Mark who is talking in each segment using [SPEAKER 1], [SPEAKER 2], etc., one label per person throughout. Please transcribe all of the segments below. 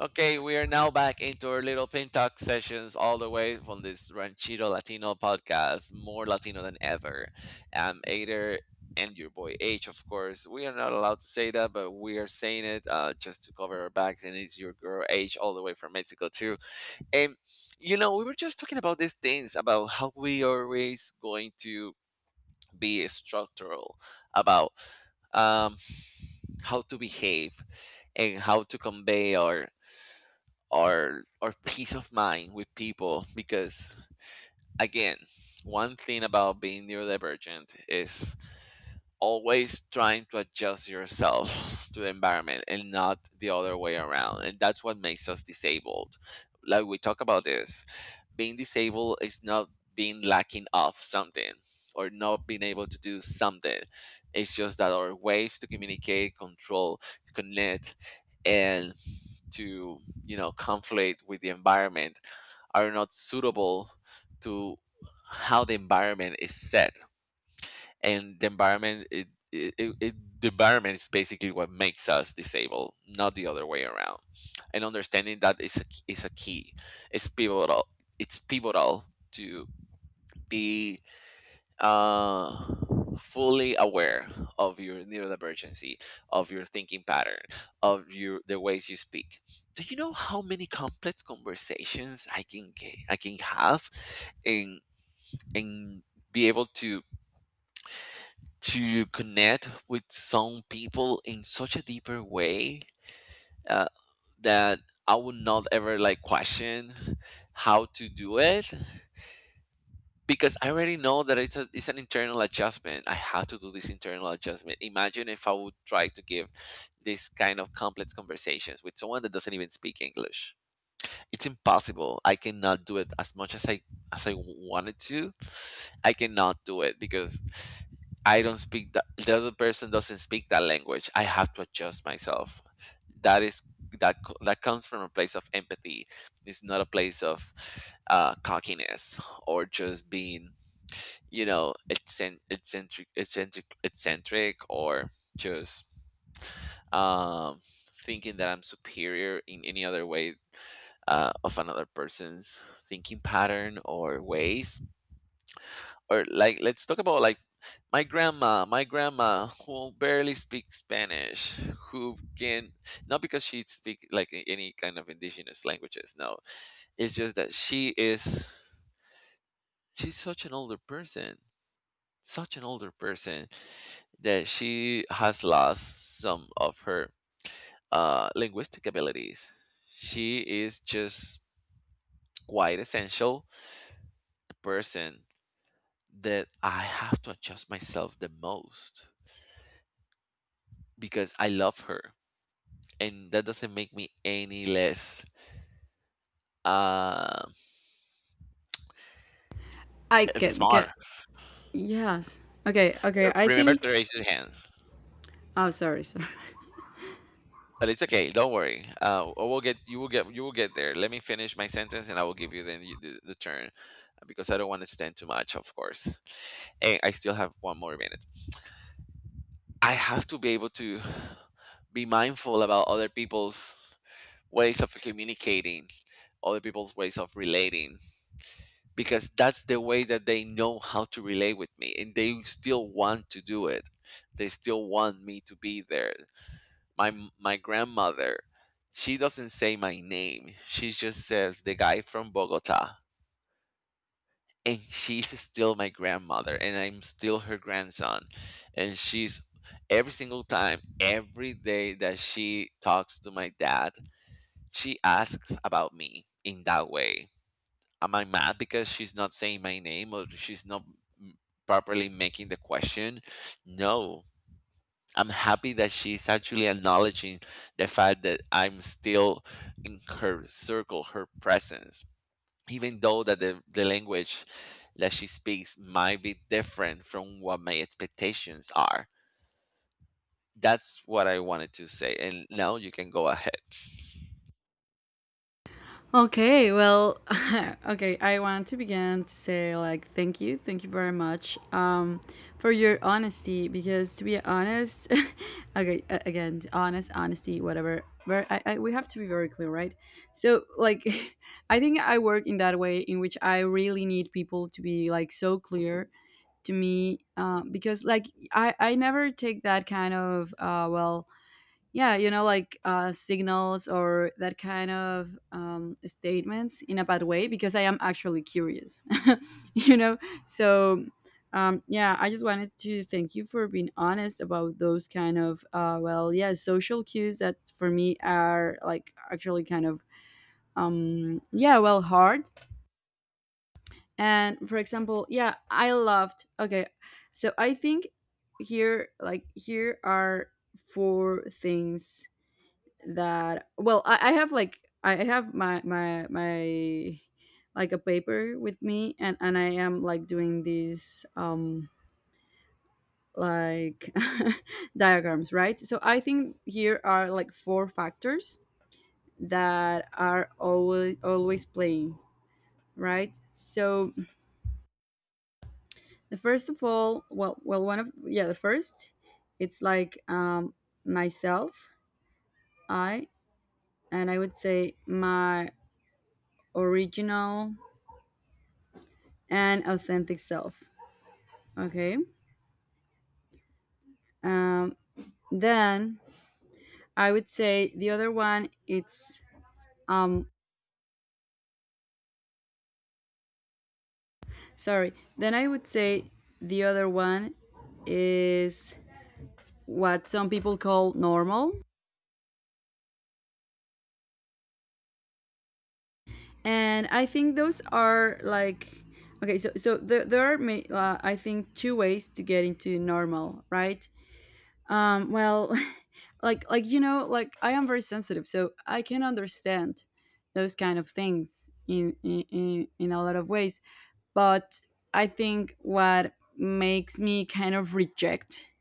[SPEAKER 1] Okay, we are now back into our little pin talk sessions all the way from this Ranchito Latino podcast, more Latino than ever. I'm Ader and your boy H, of course. We are not allowed to say that, but we are saying it just to cover our backs. And it's your girl H, all the way from Mexico, too. And, you know, we were just talking about these things about how we are always going to be structural about um, how to behave and how to convey our or peace of mind with people because again, one thing about being neurodivergent is always trying to adjust yourself to the environment and not the other way around, and that's what makes us disabled. Like we talk about this, being disabled is not being lacking of something or not being able to do something. It's just that our ways to communicate, control, connect, and to, you know, conflict with the environment are not suitable to how the environment is set. And the environment the environment is basically what makes us disabled, not the other way around. And understanding that is is a key. It's pivotal, it's pivotal to be uh fully aware of your neurodivergency, of your thinking pattern, of your the ways you speak. Do you know how many complex conversations I can have and and be able to connect with some people in such a deeper way, uh, that I would not ever like question how to do it, because I already know that it's it's an internal adjustment. I have to do this internal adjustment. Imagine if I would try to give this kind of complex conversations with someone that doesn't even speak English. It's impossible. I cannot do it as much as I wanted to. I cannot do it because I don't speak that the other person doesn't speak that language. I have to adjust myself. That is that comes from a place of empathy. It's not a place of cockiness or just being, you know, eccentric eccentric or just um thinking that I'm superior in any other way, of another person's thinking pattern or ways. Or like, let's talk about like my grandma, who barely speaks Spanish, who can not because she speaks like any kind of indigenous languages, no. It's just that she is, she's such an older person such an older person that she has lost some of her linguistic abilities. She is just quite essential person that I have to adjust myself the most, because I love her, and that doesn't make me any less uh,
[SPEAKER 2] I can get.
[SPEAKER 1] smart.
[SPEAKER 2] Yes. Okay, okay. I
[SPEAKER 1] Remember to
[SPEAKER 2] think.
[SPEAKER 1] raise your hand.
[SPEAKER 2] Oh, sorry, sorry.
[SPEAKER 1] But it's okay. Don't worry. I will get, you will get, you will get there. Let me finish my sentence, and I will give you then the turn, because I don't want to stand too much, of course. And I still have one more minute. I have to be able to be mindful about other people's ways of communicating, other people's ways of relating, because that's the way that they know how to relate with me, and they still want to do it. They still want me to be there. My my grandmother, she doesn't say my name. She just says the guy from Bogota. And she's still my grandmother and I'm still her grandson. And she's every single time, every day that she talks to my dad, she asks about me in that way. Am I mad because she's not saying my name or she's not mm, properly making the question? No, I'm happy that she's actually acknowledging the fact that I'm still in her circle, her presence, even though that the language that she speaks might be different from what my expectations are. That's what I wanted to say. And now you can go ahead.
[SPEAKER 2] Okay, well, okay. I want to begin to say, like, thank you. Thank you very much for your honesty. Because to be honest, okay, again, honest, honesty, whatever. Very, we have to be very clear, right? So, like, I think I work in that way in which I really need people to be, like, so clear to me because like I never take that kind of well, yeah, like signals or that kind of statements in a bad way, because I am actually curious. you know so yeah, I just wanted to thank you for being honest about those kind of well, yeah, social cues that for me are like actually kind of yeah, well, hard. And for example, yeah, I loved, okay. So I think, here, like, here are four things that, well, I have, like, I have my like a paper with me, and I am like doing these like diagrams, right? So I think here are, like, four factors that are always always playing, right? So, the first of all, well, one of, yeah, the first, it's like myself. I And I would say my original and authentic self. Okay. Um, then I would say the other one, it's um sorry. Then I would say the other one is what some people call normal, and I think those are, like, okay. So there are, I think, two ways to get into normal, right? Well, like like, I am very sensitive, so I can understand those kind of things in a lot of ways. But I think what makes me kind of reject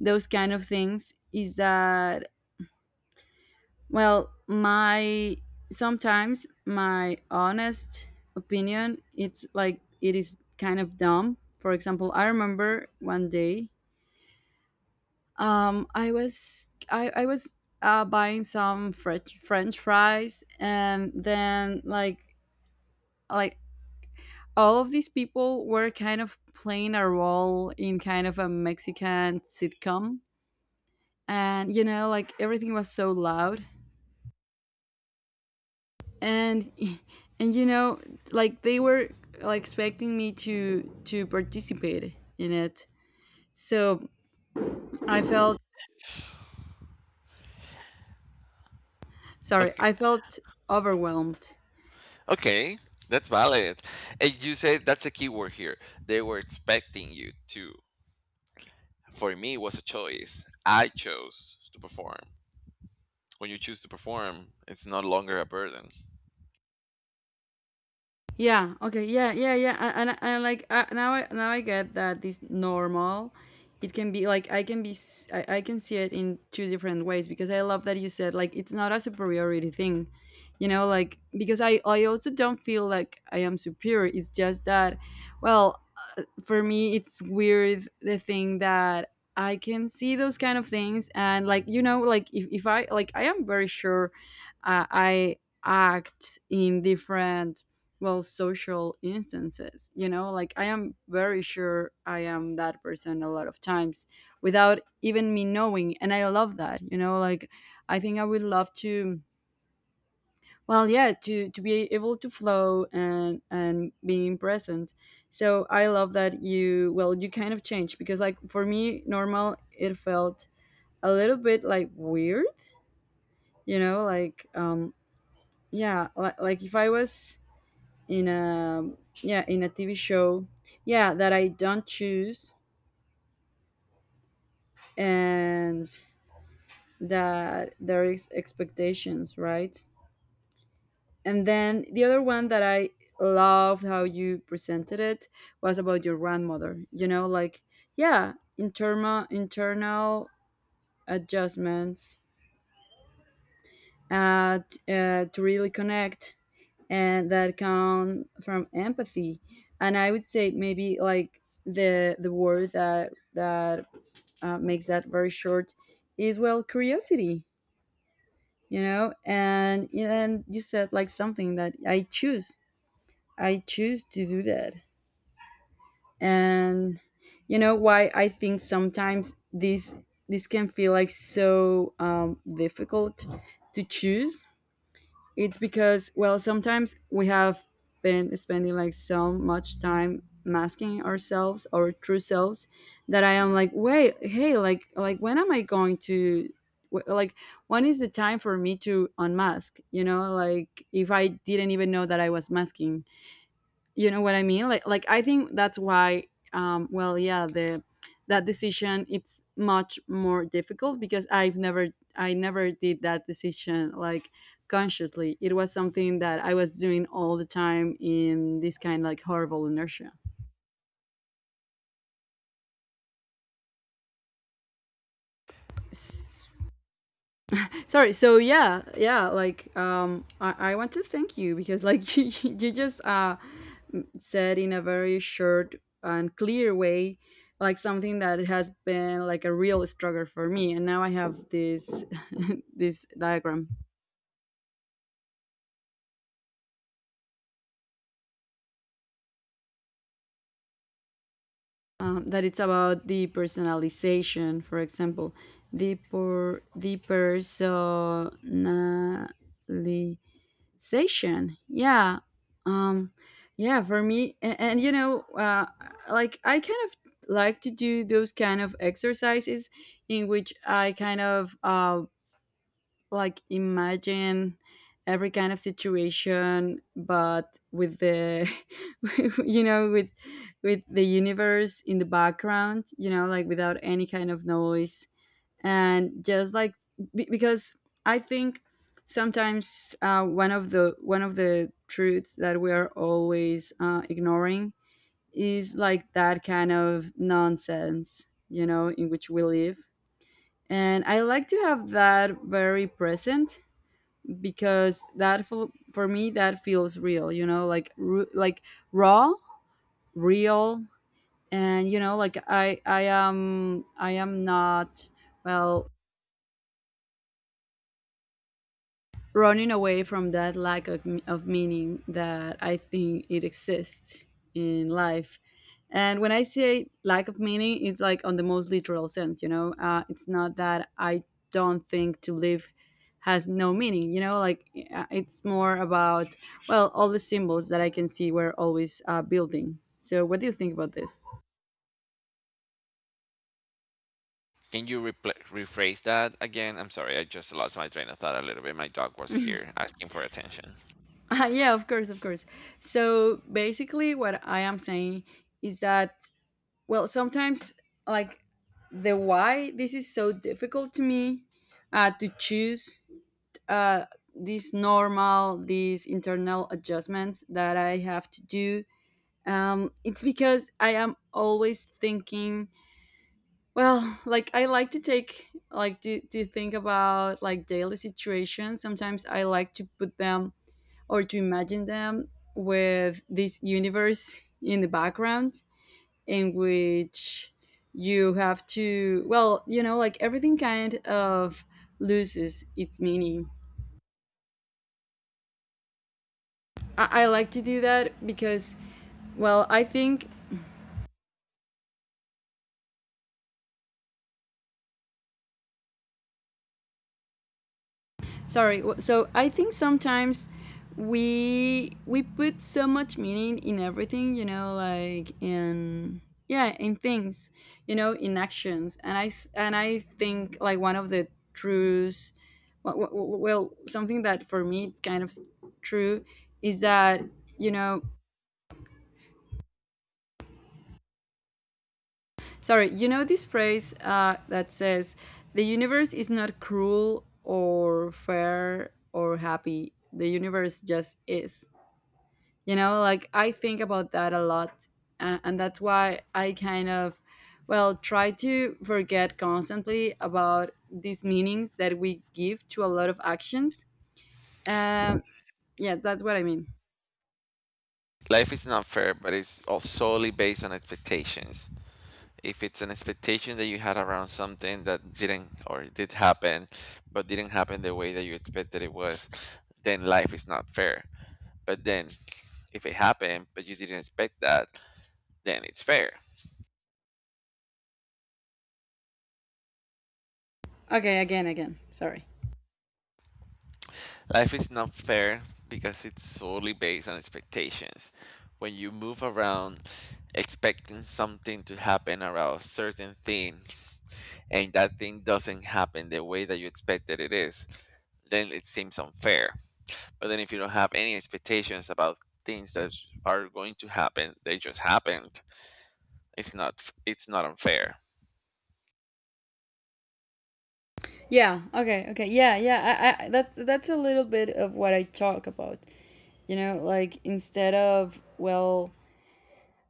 [SPEAKER 2] those kind of things is that, well, my sometimes my honest opinion, it's like it is kind of dumb. For example, I remember one day. I was I was buying some French fries. And then, like, like all of these people were kind of playing a role in kind of a Mexican sitcom, and, you know, like, everything was so loud, and and like, they were like expecting me to participate in it. So I felt, sorry,
[SPEAKER 1] Okay.
[SPEAKER 2] I felt overwhelmed.
[SPEAKER 1] Okay. That's valid. And you said that's a key word here. They were expecting you to. For me, it was a choice. I chose to perform. When you choose to perform, it's no longer a burden.
[SPEAKER 2] Yeah. Okay. Yeah. Yeah. Yeah. And like, now I get that this normal, it can be like, I can be s- I can see it in two different ways, because I love that you said, like, it's not a superiority thing. You know, like, because I also don't feel like I am superior. It's just that, well, for me it's weird the thing that I can see those kind of things. And, like, like, if I, like, I am very sure I act in different, well, social instances. You know, like, I am very sure I am that person a lot of times without even me knowing. And I love that. You know, like, I think I would love to, well, yeah, to be able to flow and being present. So I love that, you well, you kind of change, because, like, for me, normal, it felt a little bit like weird. You know, like, yeah, like, if I was in a, yeah, in a TV show, yeah, that I don't choose, and that there is expectations, right? And then the other one that I loved how you presented it was about your grandmother. You know, like, yeah, internal adjustments, to really connect, and that come from empathy. And I would say, maybe, like, the word that makes that very short is, well, curiosity. You know, and you said, like, something that I choose. I choose to do that. And, you know, why I think sometimes this can feel like so difficult to choose, it's because, well, sometimes we have been spending like so much time masking ourselves, our true selves, that I am like, wait, hey, like, when am I going to, like, when is the time for me to unmask? You know, like, if I didn't even know that I was masking, you know what I mean, like, I think that's why, well, yeah, the that decision it's much more difficult, because I never did that decision, like, consciously. It was something that I was doing all the time in this kind, like, horrible inertia. Sorry. So, yeah, yeah. Like, I want to thank you because, like, you just said in a very short and clear way, like, something that has been like a real struggle for me. And now I have this this diagram, that it's about the personalization. For example, the personality. Station. Yeah. Um yeah, for me, and you know, like, I kind of like to do those kind of exercises in which I kind of like imagine every kind of situation, but with the, you know, with the universe in the background, you know, like, without any kind of noise. And just, like, because I think sometimes, one of the, truths that we are always ignoring is, like, that kind of nonsense, you know, in which we live. And I like to have that very present, because that for me, that feels real. You know, like, like, raw, real. And, you know, like, I am not, well, running away from that lack of meaning that I think it exists in life. And when I say lack of meaning, it's like, on the most literal sense, you know? It's not that I don't think to live has no meaning, you know? Like, it's more about, well, all the symbols that I can see were always building. So, what do you think about this?
[SPEAKER 1] Can you rephrase that again? I'm sorry, I just lost my train of thought a little bit. My dog was here asking for attention.
[SPEAKER 2] Yeah, of course, of course. So, basically, what I am saying is that, well, sometimes, like, the why this is so difficult to me, to choose, uh, these normal, these internal adjustments that I have to do. It's because I am always thinking. Well, like, I like to think about, like, daily situations. Sometimes I like to put them or to imagine them with this universe in the background, in which you have to, well, you know, like, everything kind of loses its meaning. I like to do that because, well, I think sorry so I think sometimes we put so much meaning in everything, you know, like, in, yeah, in things, you know, in actions. And I think, like, one of the truths, well, something that for me it's kind of true, is that, you know, sorry, you know this phrase that says, the universe is not cruel or fair or happy, the universe just is. You know, like, I think about that a lot and that's why I kind of, well, try to forget constantly about these meanings that we give to a lot of actions. um yeah, that's what I mean.
[SPEAKER 1] Life is not fair, but it's all solely based on expectations. If it's an expectation that you had around something that didn't or did happen, but didn't happen the way that you expected it was, then life is not fair. But then, if it happened, but you didn't expect that, then it's fair.
[SPEAKER 2] Okay, again, sorry.
[SPEAKER 1] Life is not fair because it's solely based on expectations. When you move around expecting something to happen around a certain thing and that thing doesn't happen the way that you expected it is, then it seems unfair. But then, if you don't have any expectations about things that are going to happen, they just happened. It's not unfair.
[SPEAKER 2] Yeah. Okay, okay. Yeah, yeah, I, that's a little bit of what I talk about. You know, like, instead of, well,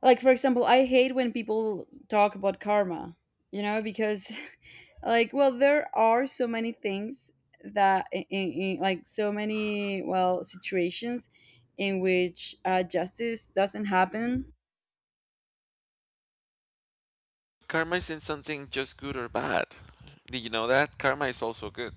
[SPEAKER 2] like, for example, I hate when people talk about karma, you know, because like, well, there are so many things that like, so many, well, situations in which justice doesn't happen.
[SPEAKER 1] Karma isn't something just good or bad. Did you know that? Karma is also good.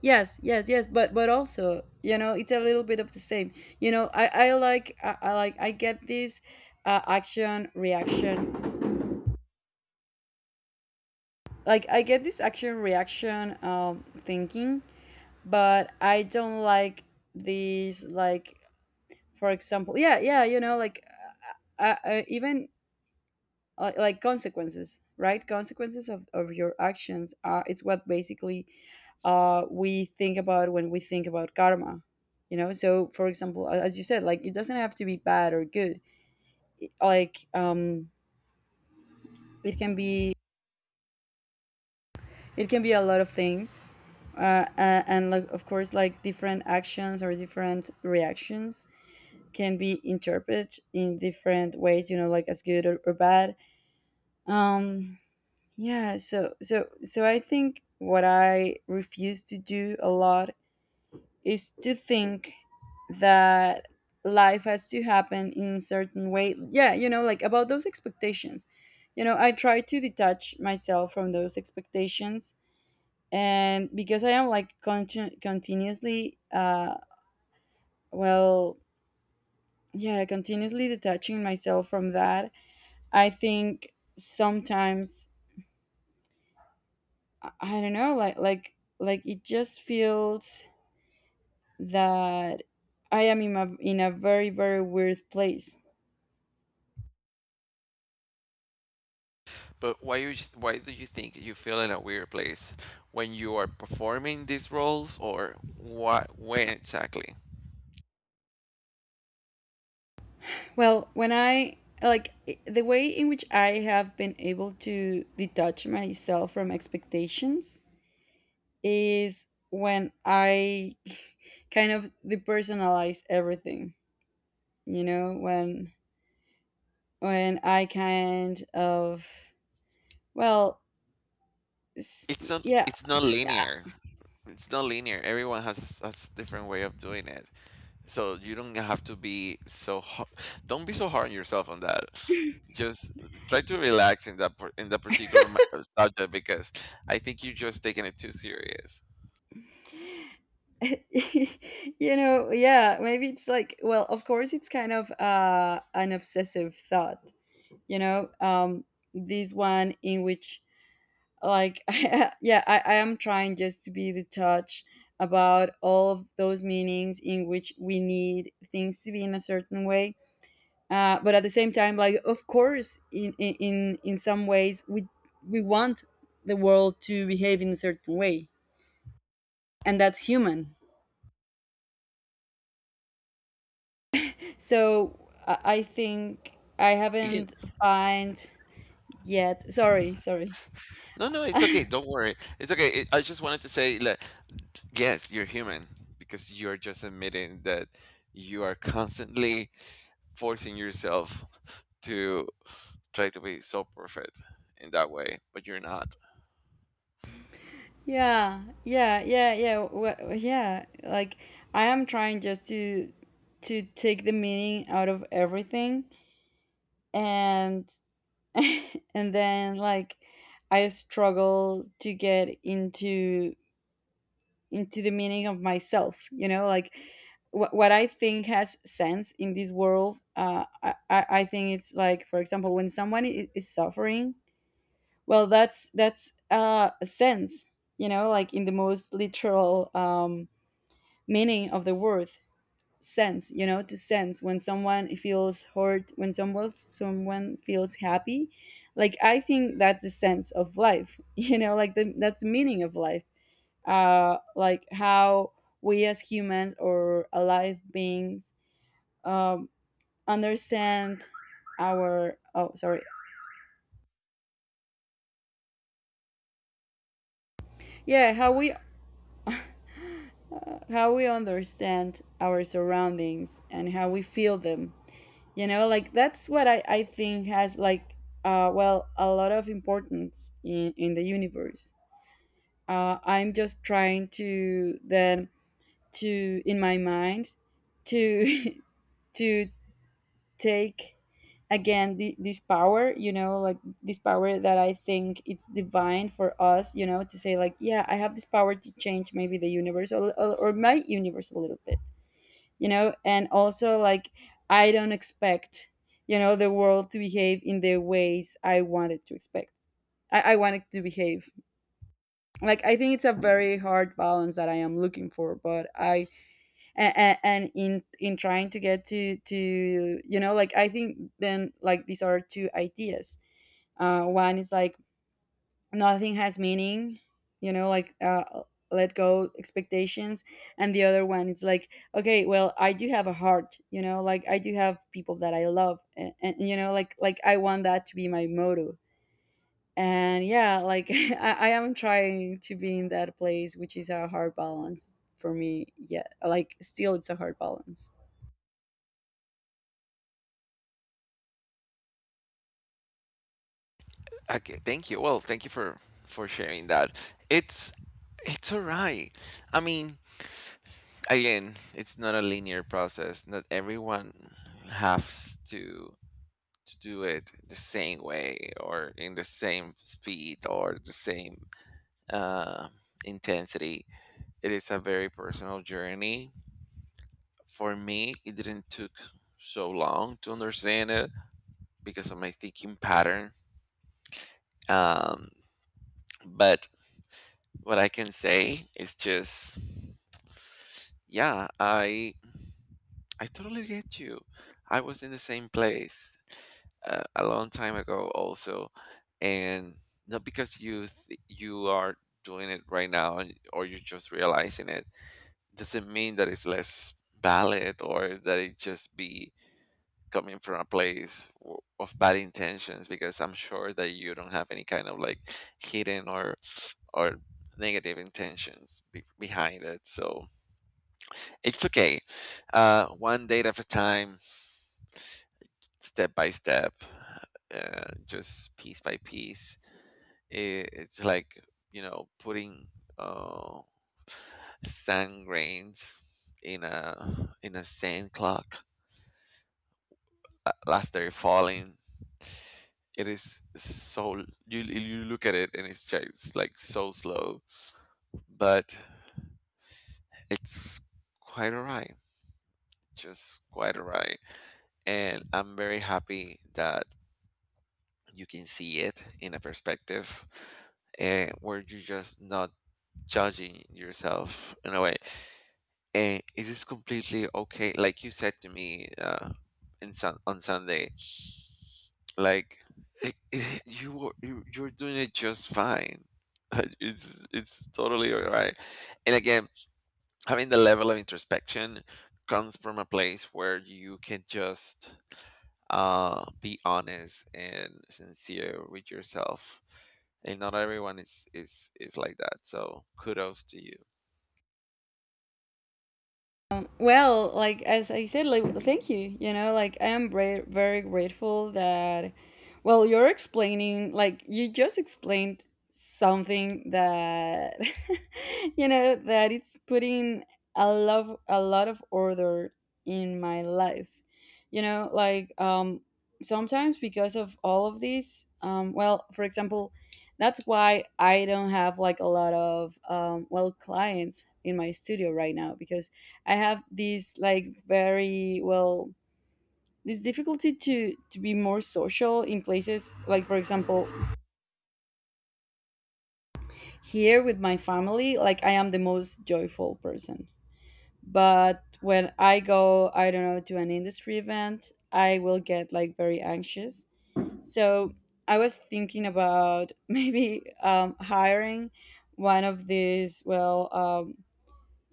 [SPEAKER 2] Yes, yes, yes, but also, you know, it's a little bit of the same. You know, I get this action reaction. Like I get this action reaction thinking, but I don't like these, like, for example, yeah, yeah, you know, like, even, like, consequences, right? Consequences of your actions are, it's what basically we think about when we think about karma. You know, so for example, as you said, like, it doesn't have to be bad or good. Like, it can be, it can be a lot of things. And, like, of course, like different actions or different reactions can be interpreted in different ways, you know, like as good or bad. um yeah, so so I think what I refuse to do a lot is to think that life has to happen in a certain way, yeah, you know, like about those expectations. You know, I try to detach myself from those expectations, and because I am, like, continuously, well, yeah, continuously detaching myself from that. I think sometimes I don't know, like, like it just feels that I am in a very, very weird place.
[SPEAKER 1] But why do you think you feel in a weird place when you are performing these roles or what, when exactly?
[SPEAKER 2] Well, when I, the way in which I have been able to detach myself from expectations is when I kind of depersonalize everything. You know, when I kind of, well, s-
[SPEAKER 1] It's
[SPEAKER 2] yeah.
[SPEAKER 1] not linear. It's not linear. Everyone has a different way of doing it. So you don't have to be so don't be so hard on yourself on that. Just try to relax in that in that particular subject, because I think you're just taking it too serious.
[SPEAKER 2] You know, yeah, maybe it's like, well, of course, it's kind of an obsessive thought, you know. This one in which, like, yeah, I am trying just to be the touch about all of those meanings in which we need things to be in a certain way. But at the same time, like, of course, in some ways we want the world to behave in a certain way, and that's human. So I think I
[SPEAKER 1] It- Yes.
[SPEAKER 2] haven't find yet. Sorry, sorry.
[SPEAKER 1] No, no, it's okay. Don't worry. It's okay. It, I just wanted to say that, yes, you're human because you're just admitting that you are constantly forcing yourself to try to be so perfect in that way, but you're not.
[SPEAKER 2] Yeah, yeah, yeah, yeah. Yeah, like, I am trying just to take the meaning out of everything, and and then, like, I struggle to get into the meaning of myself, you know, like, what I think has sense in this world. I think it's like, for example, when someone is suffering. Well, that's a sense, you know, like in the most literal meaning of the word sense. You know, to sense when someone feels hurt, when someone feels happy. Like, I think that's the sense of life. You know, like that's the meaning of life. Like how we, as humans or alive beings, um, understand our, oh sorry, yeah, how we, how we understand our surroundings and how we feel them. You know, like, that's what I think has, like, well, a lot of importance in the universe. I'm just trying to then, to in my mind, to to take again this power, you know, like this power that I think it's divine for us, you know, to say like, yeah, I have this power to change maybe the universe, or my universe a little bit. You know, and also, like, I don't expect, you know, the world to behave in the ways I wanted to expect. I want it to behave. Like, I think it's a very hard balance that I am looking for, but I, and in trying to get to, you know, like, I think then, like, these are two ideas. One is like, nothing has meaning, you know, like, let go expectations, and the other one is like, okay, well, I do have a heart, you know, like I do have people that I love, and you know, like, I want that to be my motto. And yeah, like, I am trying to be in that place, which is a hard balance for me. Yeah, like, still, it's a hard balance.
[SPEAKER 1] Okay, thank you. Well, thank you for sharing that. It's it's all right. I mean, again, it's not a linear process. Not everyone has to do it the same way or in the same speed or the same uh, intensity. It is a very personal journey. For me, it didn't took so long to understand it because of my thinking pattern. Um, but what I can say is just, yeah, I totally get you. I was in the same place a long time ago also. And not because you are doing it right now or you're just realizing it, doesn't mean that it's less valid or that it just be coming from a place of bad intentions, because I'm sure that you don't have any kind of like hidden or negative intentions behind it. So it's okay, one date at a time, step by step, just piece by piece. It, it's like, you know, putting uh, sand grains in a sand clock as they're falling. It is so you look at it and it's just like so slow, but it's quite alright, just quite alright. And I'm very happy that you can see it in a perspective where you're just not judging yourself in a way. And it is completely okay. Like you said to me in on Sunday, like it, you you're doing it just fine. It's totally all right. And again, having the level of introspection comes from a place where you can just be honest and sincere with yourself. And not everyone is like that. So kudos to you.
[SPEAKER 2] Well, like as I said, like, thank you. You know, like, I am very, very grateful that. Well, you're explaining, like you just explained, something that you know, that it's putting a lot of order in my life. You know, like, sometimes, because of all of these, well, for example, that's why I don't have, like, a lot of well, clients in my studio right now because I have this, like, very, well, this difficulty to be more social in places, like for example here with my family, like I am the most joyful person, but when I go, I don't know, to an industry event, I will get, like, very anxious. So I was thinking about maybe hiring one of these, well,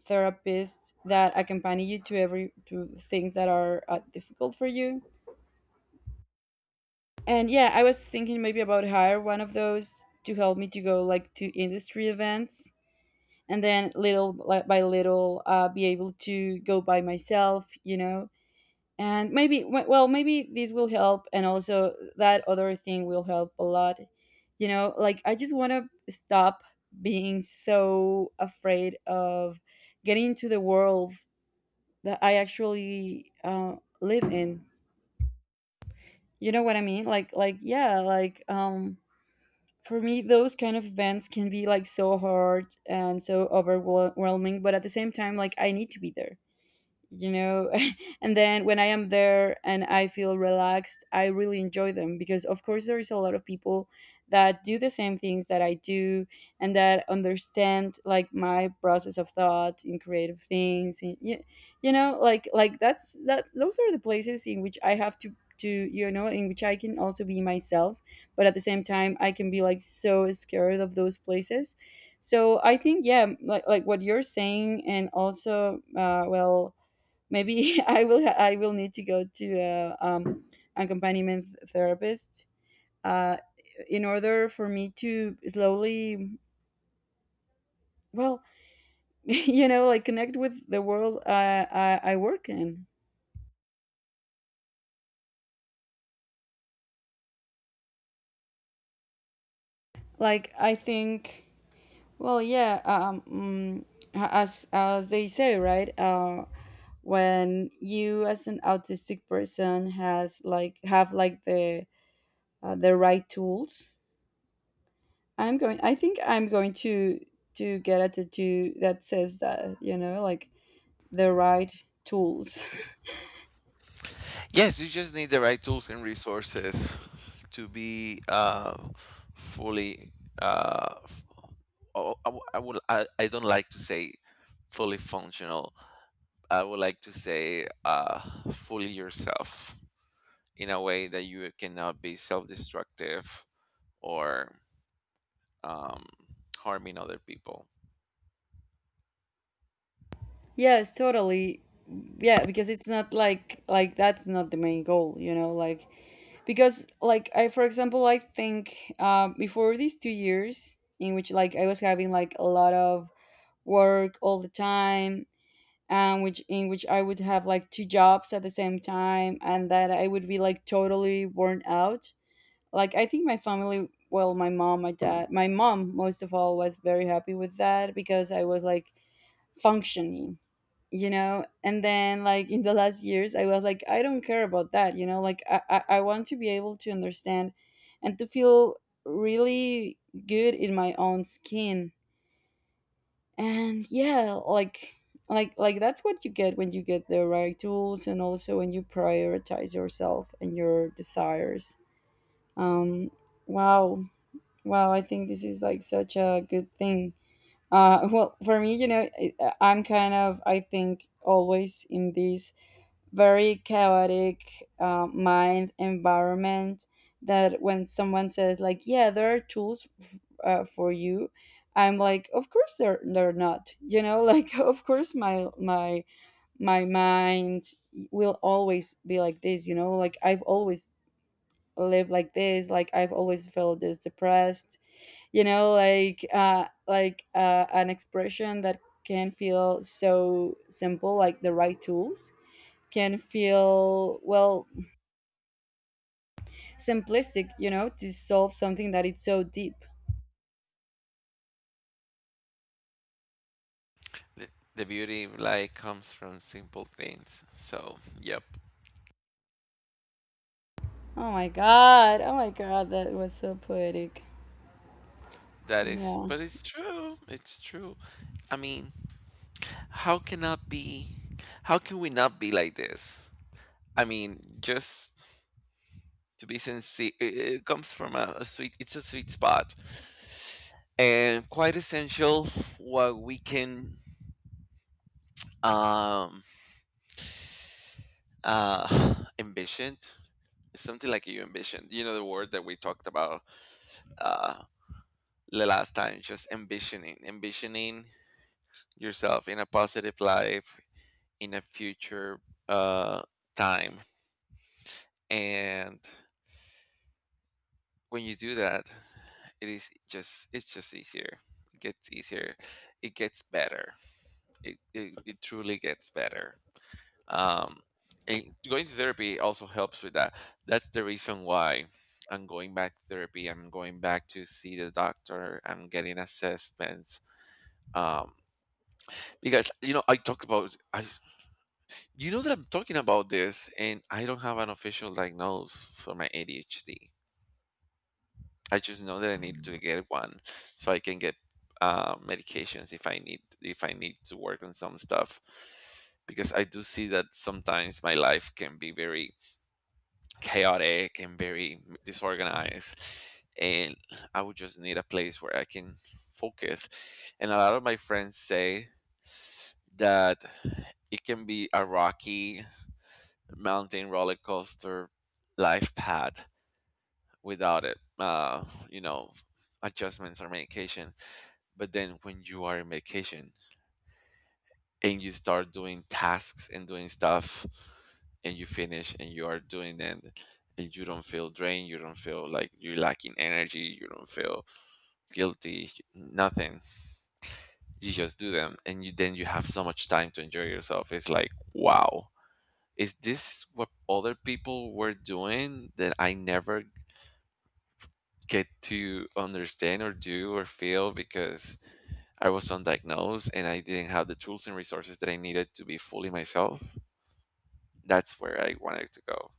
[SPEAKER 2] therapists that accompany you to every to things that are difficult for you. And yeah, I was thinking maybe about hire one of those to help me to go, like, to industry events, and then little by little, be able to go by myself, you know. And maybe well, maybe this will help, and also that other thing will help a lot. You know, like I just want to stop being so afraid of getting into the world that I actually live in. You know what I mean? Like yeah, like, for me those kind of events can be, like, so hard and so overwhelming, but at the same time, like, I need to be there, you know. And then when I am there and I feel relaxed, I really enjoy them because of course there is a lot of people that do the same things that I do, and that understand, like, my process of thought in creative things. And you know, like, that's that those are the places in which I have to, you know, in which I can also be myself, but at the same time, I can be, like, so scared of those places. So I think, yeah, like, what you're saying. And also, well, maybe I will I will need to go to a accompaniment therapist, uh, in order for me to slowly, well, you know, like, connect with the world I work in. Like I think, well, yeah, as they say, right? When you, as an autistic person, has, like, have, like, the right tools, I think I'm going to get a tattoo that says that, you know, like, the right tools.
[SPEAKER 1] Yes, you just need the right tools and resources to be fully. Uh, f- I would. I don't like to say fully functional. I would like to say fully yourself, in a way that you cannot be self-destructive or um, harming other people.
[SPEAKER 2] Yes, totally. Yeah, because it's not like that's not the main goal, you know, like, because, like, I for example, I think, before these 2 years in which, like, I was having, like, a lot of work all the time, and which, in which I would have, like, two jobs at the same time, and that I would be, like, totally worn out. Like, I think my family, well, my mom, my dad, my mom most of all was very happy with that because I was, like, functioning. You know, and then, like, in the last years, I was like, I don't care about that. You know, like, I want to be able to understand and to feel really good in my own skin. And yeah, like, like that's what you get when you get the right tools, and also when you prioritize yourself and your desires. um wow Wow, I think this is, like, such a good thing. Well, for me, you know, I'm kind of, I think, always in this very chaotic mind environment that when someone says, like, yeah, there are tools for you, I'm like, of course they're not, you know, like, of course my mind will always be like this, you know, like I've always live like this, like I've always felt this depressed. You know, like, like, an expression that can feel so simple, like the right tools, can feel, well, simplistic, you know, to solve something that it's so deep.
[SPEAKER 1] The, the beauty of life comes from simple things. So, yep,
[SPEAKER 2] Oh my god, oh my god, that was so poetic.
[SPEAKER 1] that is.
[SPEAKER 2] Yeah,
[SPEAKER 1] But it's true. It's true. I mean, how can not be? How can we not be like this? I mean, just to be sincere, it comes from a sweet. It's a sweet spot and quite essential. What we can um uh envisioned something like you envisioned. You know the word that we talked about uh the last time. Just envisioning, envisioning yourself in a positive life in a future uh time. And when you do that, it is just it's just easier. It gets easier. It gets better. It truly gets better. Um, and going to therapy also helps with that. That's the reason why I'm going back to therapy. I'm going back to see the doctor. I'm getting assessments. Um, because, you know, I talked about I you know that I'm talking about this and I don't have an official diagnosis for my ADHD. I just know that I need to get one, so I can get medications, if I need to work on some stuff, because I do see that sometimes my life can be very chaotic and very disorganized. And I would just need a place where I can focus. And a lot of my friends say that it can be a rocky mountain roller coaster life path without it, you know, adjustments or medication. But then when you are in vacation and you start doing tasks and doing stuff, and you finish and you are doing it, and you don't feel drained, you don't feel like you're lacking energy, you don't feel guilty, nothing. You just do them and you then you have so much time to enjoy yourself. It's like, wow, is this what other people were doing that I never get to understand or do or feel, because I was undiagnosed and I didn't have the tools and resources that I needed to be fully myself. That's where I wanted to go.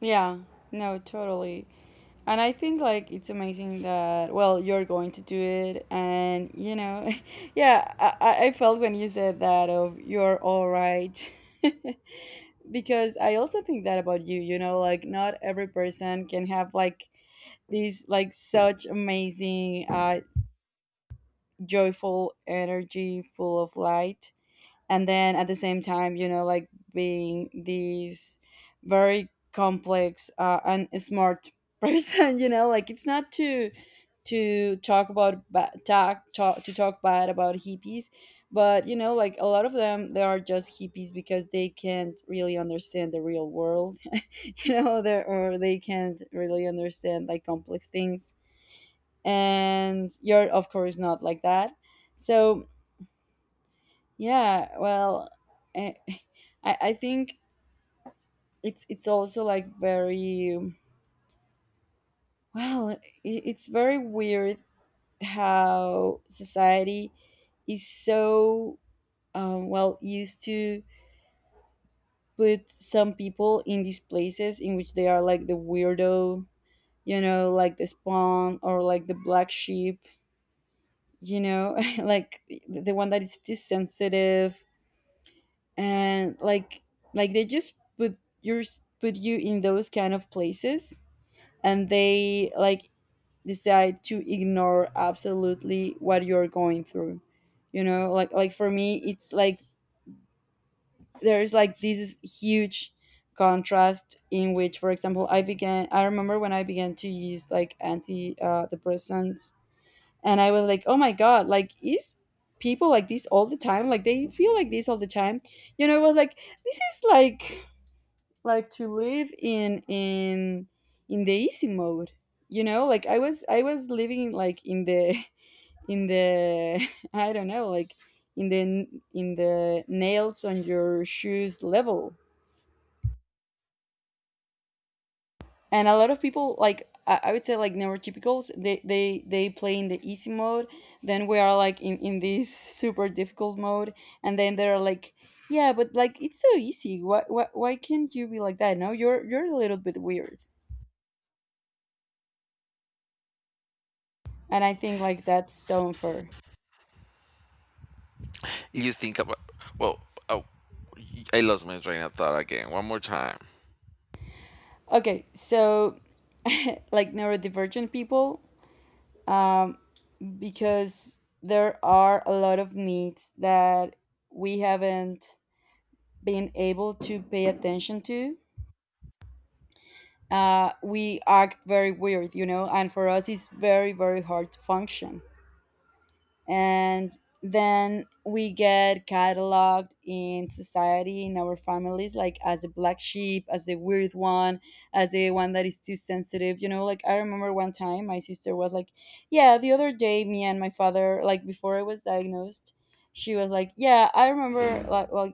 [SPEAKER 2] yeah, no, totally. And I think, like, it's amazing that, well, you're going to do it, and you know, yeah, I felt when you said that of, you're all right, because I also think that about you, you know, like, not every person can have, like, these, like, such amazing joyful energy full of light, and then at the same time, you know, like, being these very complex, and smart person. You know, like, it's not to talk about ba- talk, talk to talk bad about hippies, but you know, like, a lot of them, they are just hippies because they can't really understand the real world. You know, they or they can't really understand, like, complex things. And you're of course not like that. So yeah, well, eh, I think it's also, like, very well, I it's very weird how society is so well, used to put some people in these places in which they are, like, the weirdo, you know, like the spawn or like the black sheep, you know, like the one that is too sensitive, and, like, they just put your put you in those kind of places, and they, like, decide to ignore absolutely what you're going through. You know, like, for me it's like there's, like, this huge contrast in which, for example, I remember when I began to use, like, anti depressants, and I was like, oh my god, like, is people like this all the time, like, they feel like this all the time? You know, it was like, this is like, to live in in the easy mode, you know, like I was living like in the in the I don't know, like in the in the nails on your shoes level. And a lot of people, like I would say, like neurotypicals, they play in the easy mode. Then we are like in this super difficult mode. And then they're like, yeah, but like it's so easy, why can't you be like that? No, you're a little bit weird. And I think like that's so unfair.
[SPEAKER 1] You think about, well, oh, I lost my train of thought again. One more time.
[SPEAKER 2] Okay, so like neurodivergent people, um, because there are a lot of needs that we haven't been able to pay attention to. We act very weird, you know, and for us it's very, very hard to function. And then we get cataloged in society, in our families, like as the black sheep, as the weird one, as the one that is too sensitive. You know, like I remember one time my sister was like, yeah, the other day me and my father, like before I was diagnosed, she was like, yeah, I remember like well,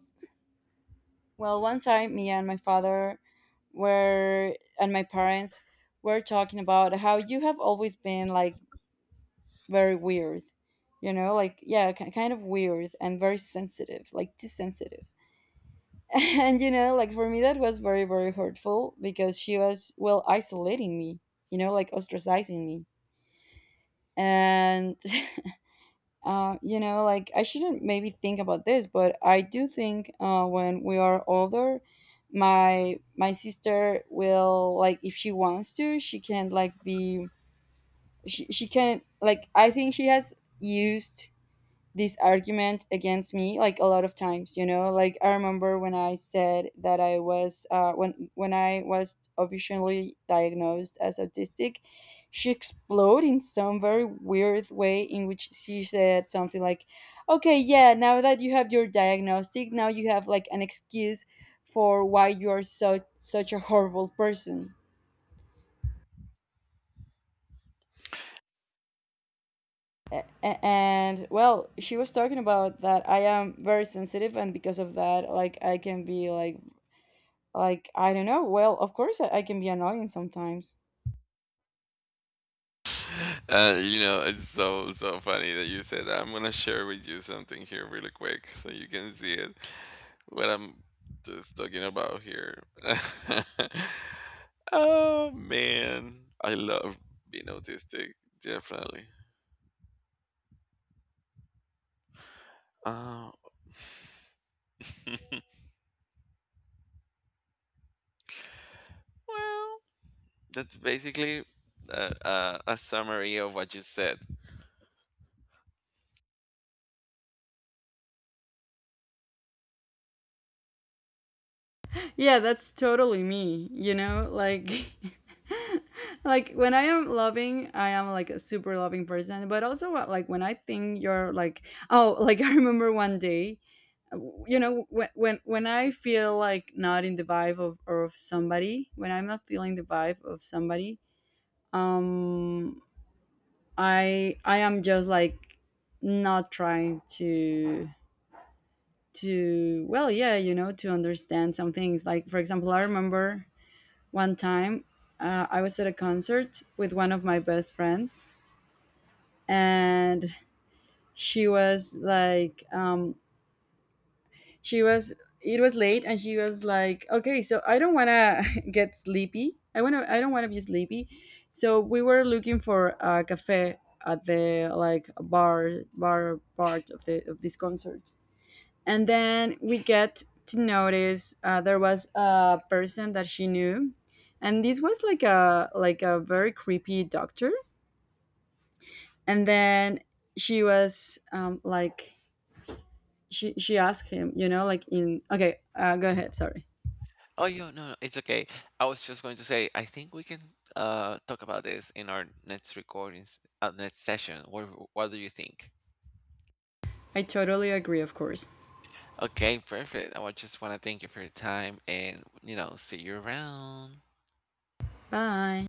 [SPEAKER 2] well one time me and my father were, and my parents were talking about how you have always been like very weird. You know, like yeah, kind of weird and very sensitive, like too sensitive. And you know, like for me that was very, very hurtful because she was well isolating me, you know, like ostracizing me. And you know, like I shouldn't maybe think about this, but I do think when we are older, my sister will, like if she wants to she can like be, she can like, I think she has used this argument against me like a lot of times. You know, like I remember when I said that I was when when I was officially diagnosed as autistic, she exploded in some very weird way in which she said something like, okay, yeah, now that you have your diagnostic, now you have like an excuse for why you are so such a horrible person. A- and well, she was talking about that I am very sensitive and because of that like I can be like I don't know. Well, of course, I can be annoying sometimes.
[SPEAKER 1] You know, it's so so funny that you said that. I'm gonna share with you something here really quick so you can see it. What I'm just talking about here. Oh man, I love being autistic, definitely. Uh, well, that's basically a summary of what you said.
[SPEAKER 2] Yeah, that's totally me, you know? Like like when I am loving, I am like a super loving person, but also like when I think you're like, oh, like I remember one day, uh, you know, when when I feel like not in the vibe of somebody, when I'm not feeling the vibe of somebody, um I am just like not trying to, well, yeah, you know, to understand some things. Like for example, I remember one time, I was at a concert with one of my best friends, and she was like she was, it was late and she was like, okay, so I don't want to get sleepy, I want to, I don't want to be sleepy. So we were looking for a cafe at the like bar part of the of this concert. And then we get to notice there was a person that she knew, and this was like a very creepy doctor. And then she was like she asked him, you know, like in, okay, go ahead. Sorry,
[SPEAKER 1] Oh, you no, no, it's okay. I was just going to say, I think we can talk about this in our next recordings, next session. What do you think?
[SPEAKER 2] I totally agree, of course.
[SPEAKER 1] Okay, perfect. I just want to thank you for your time and, you know, see you around.
[SPEAKER 2] Bye.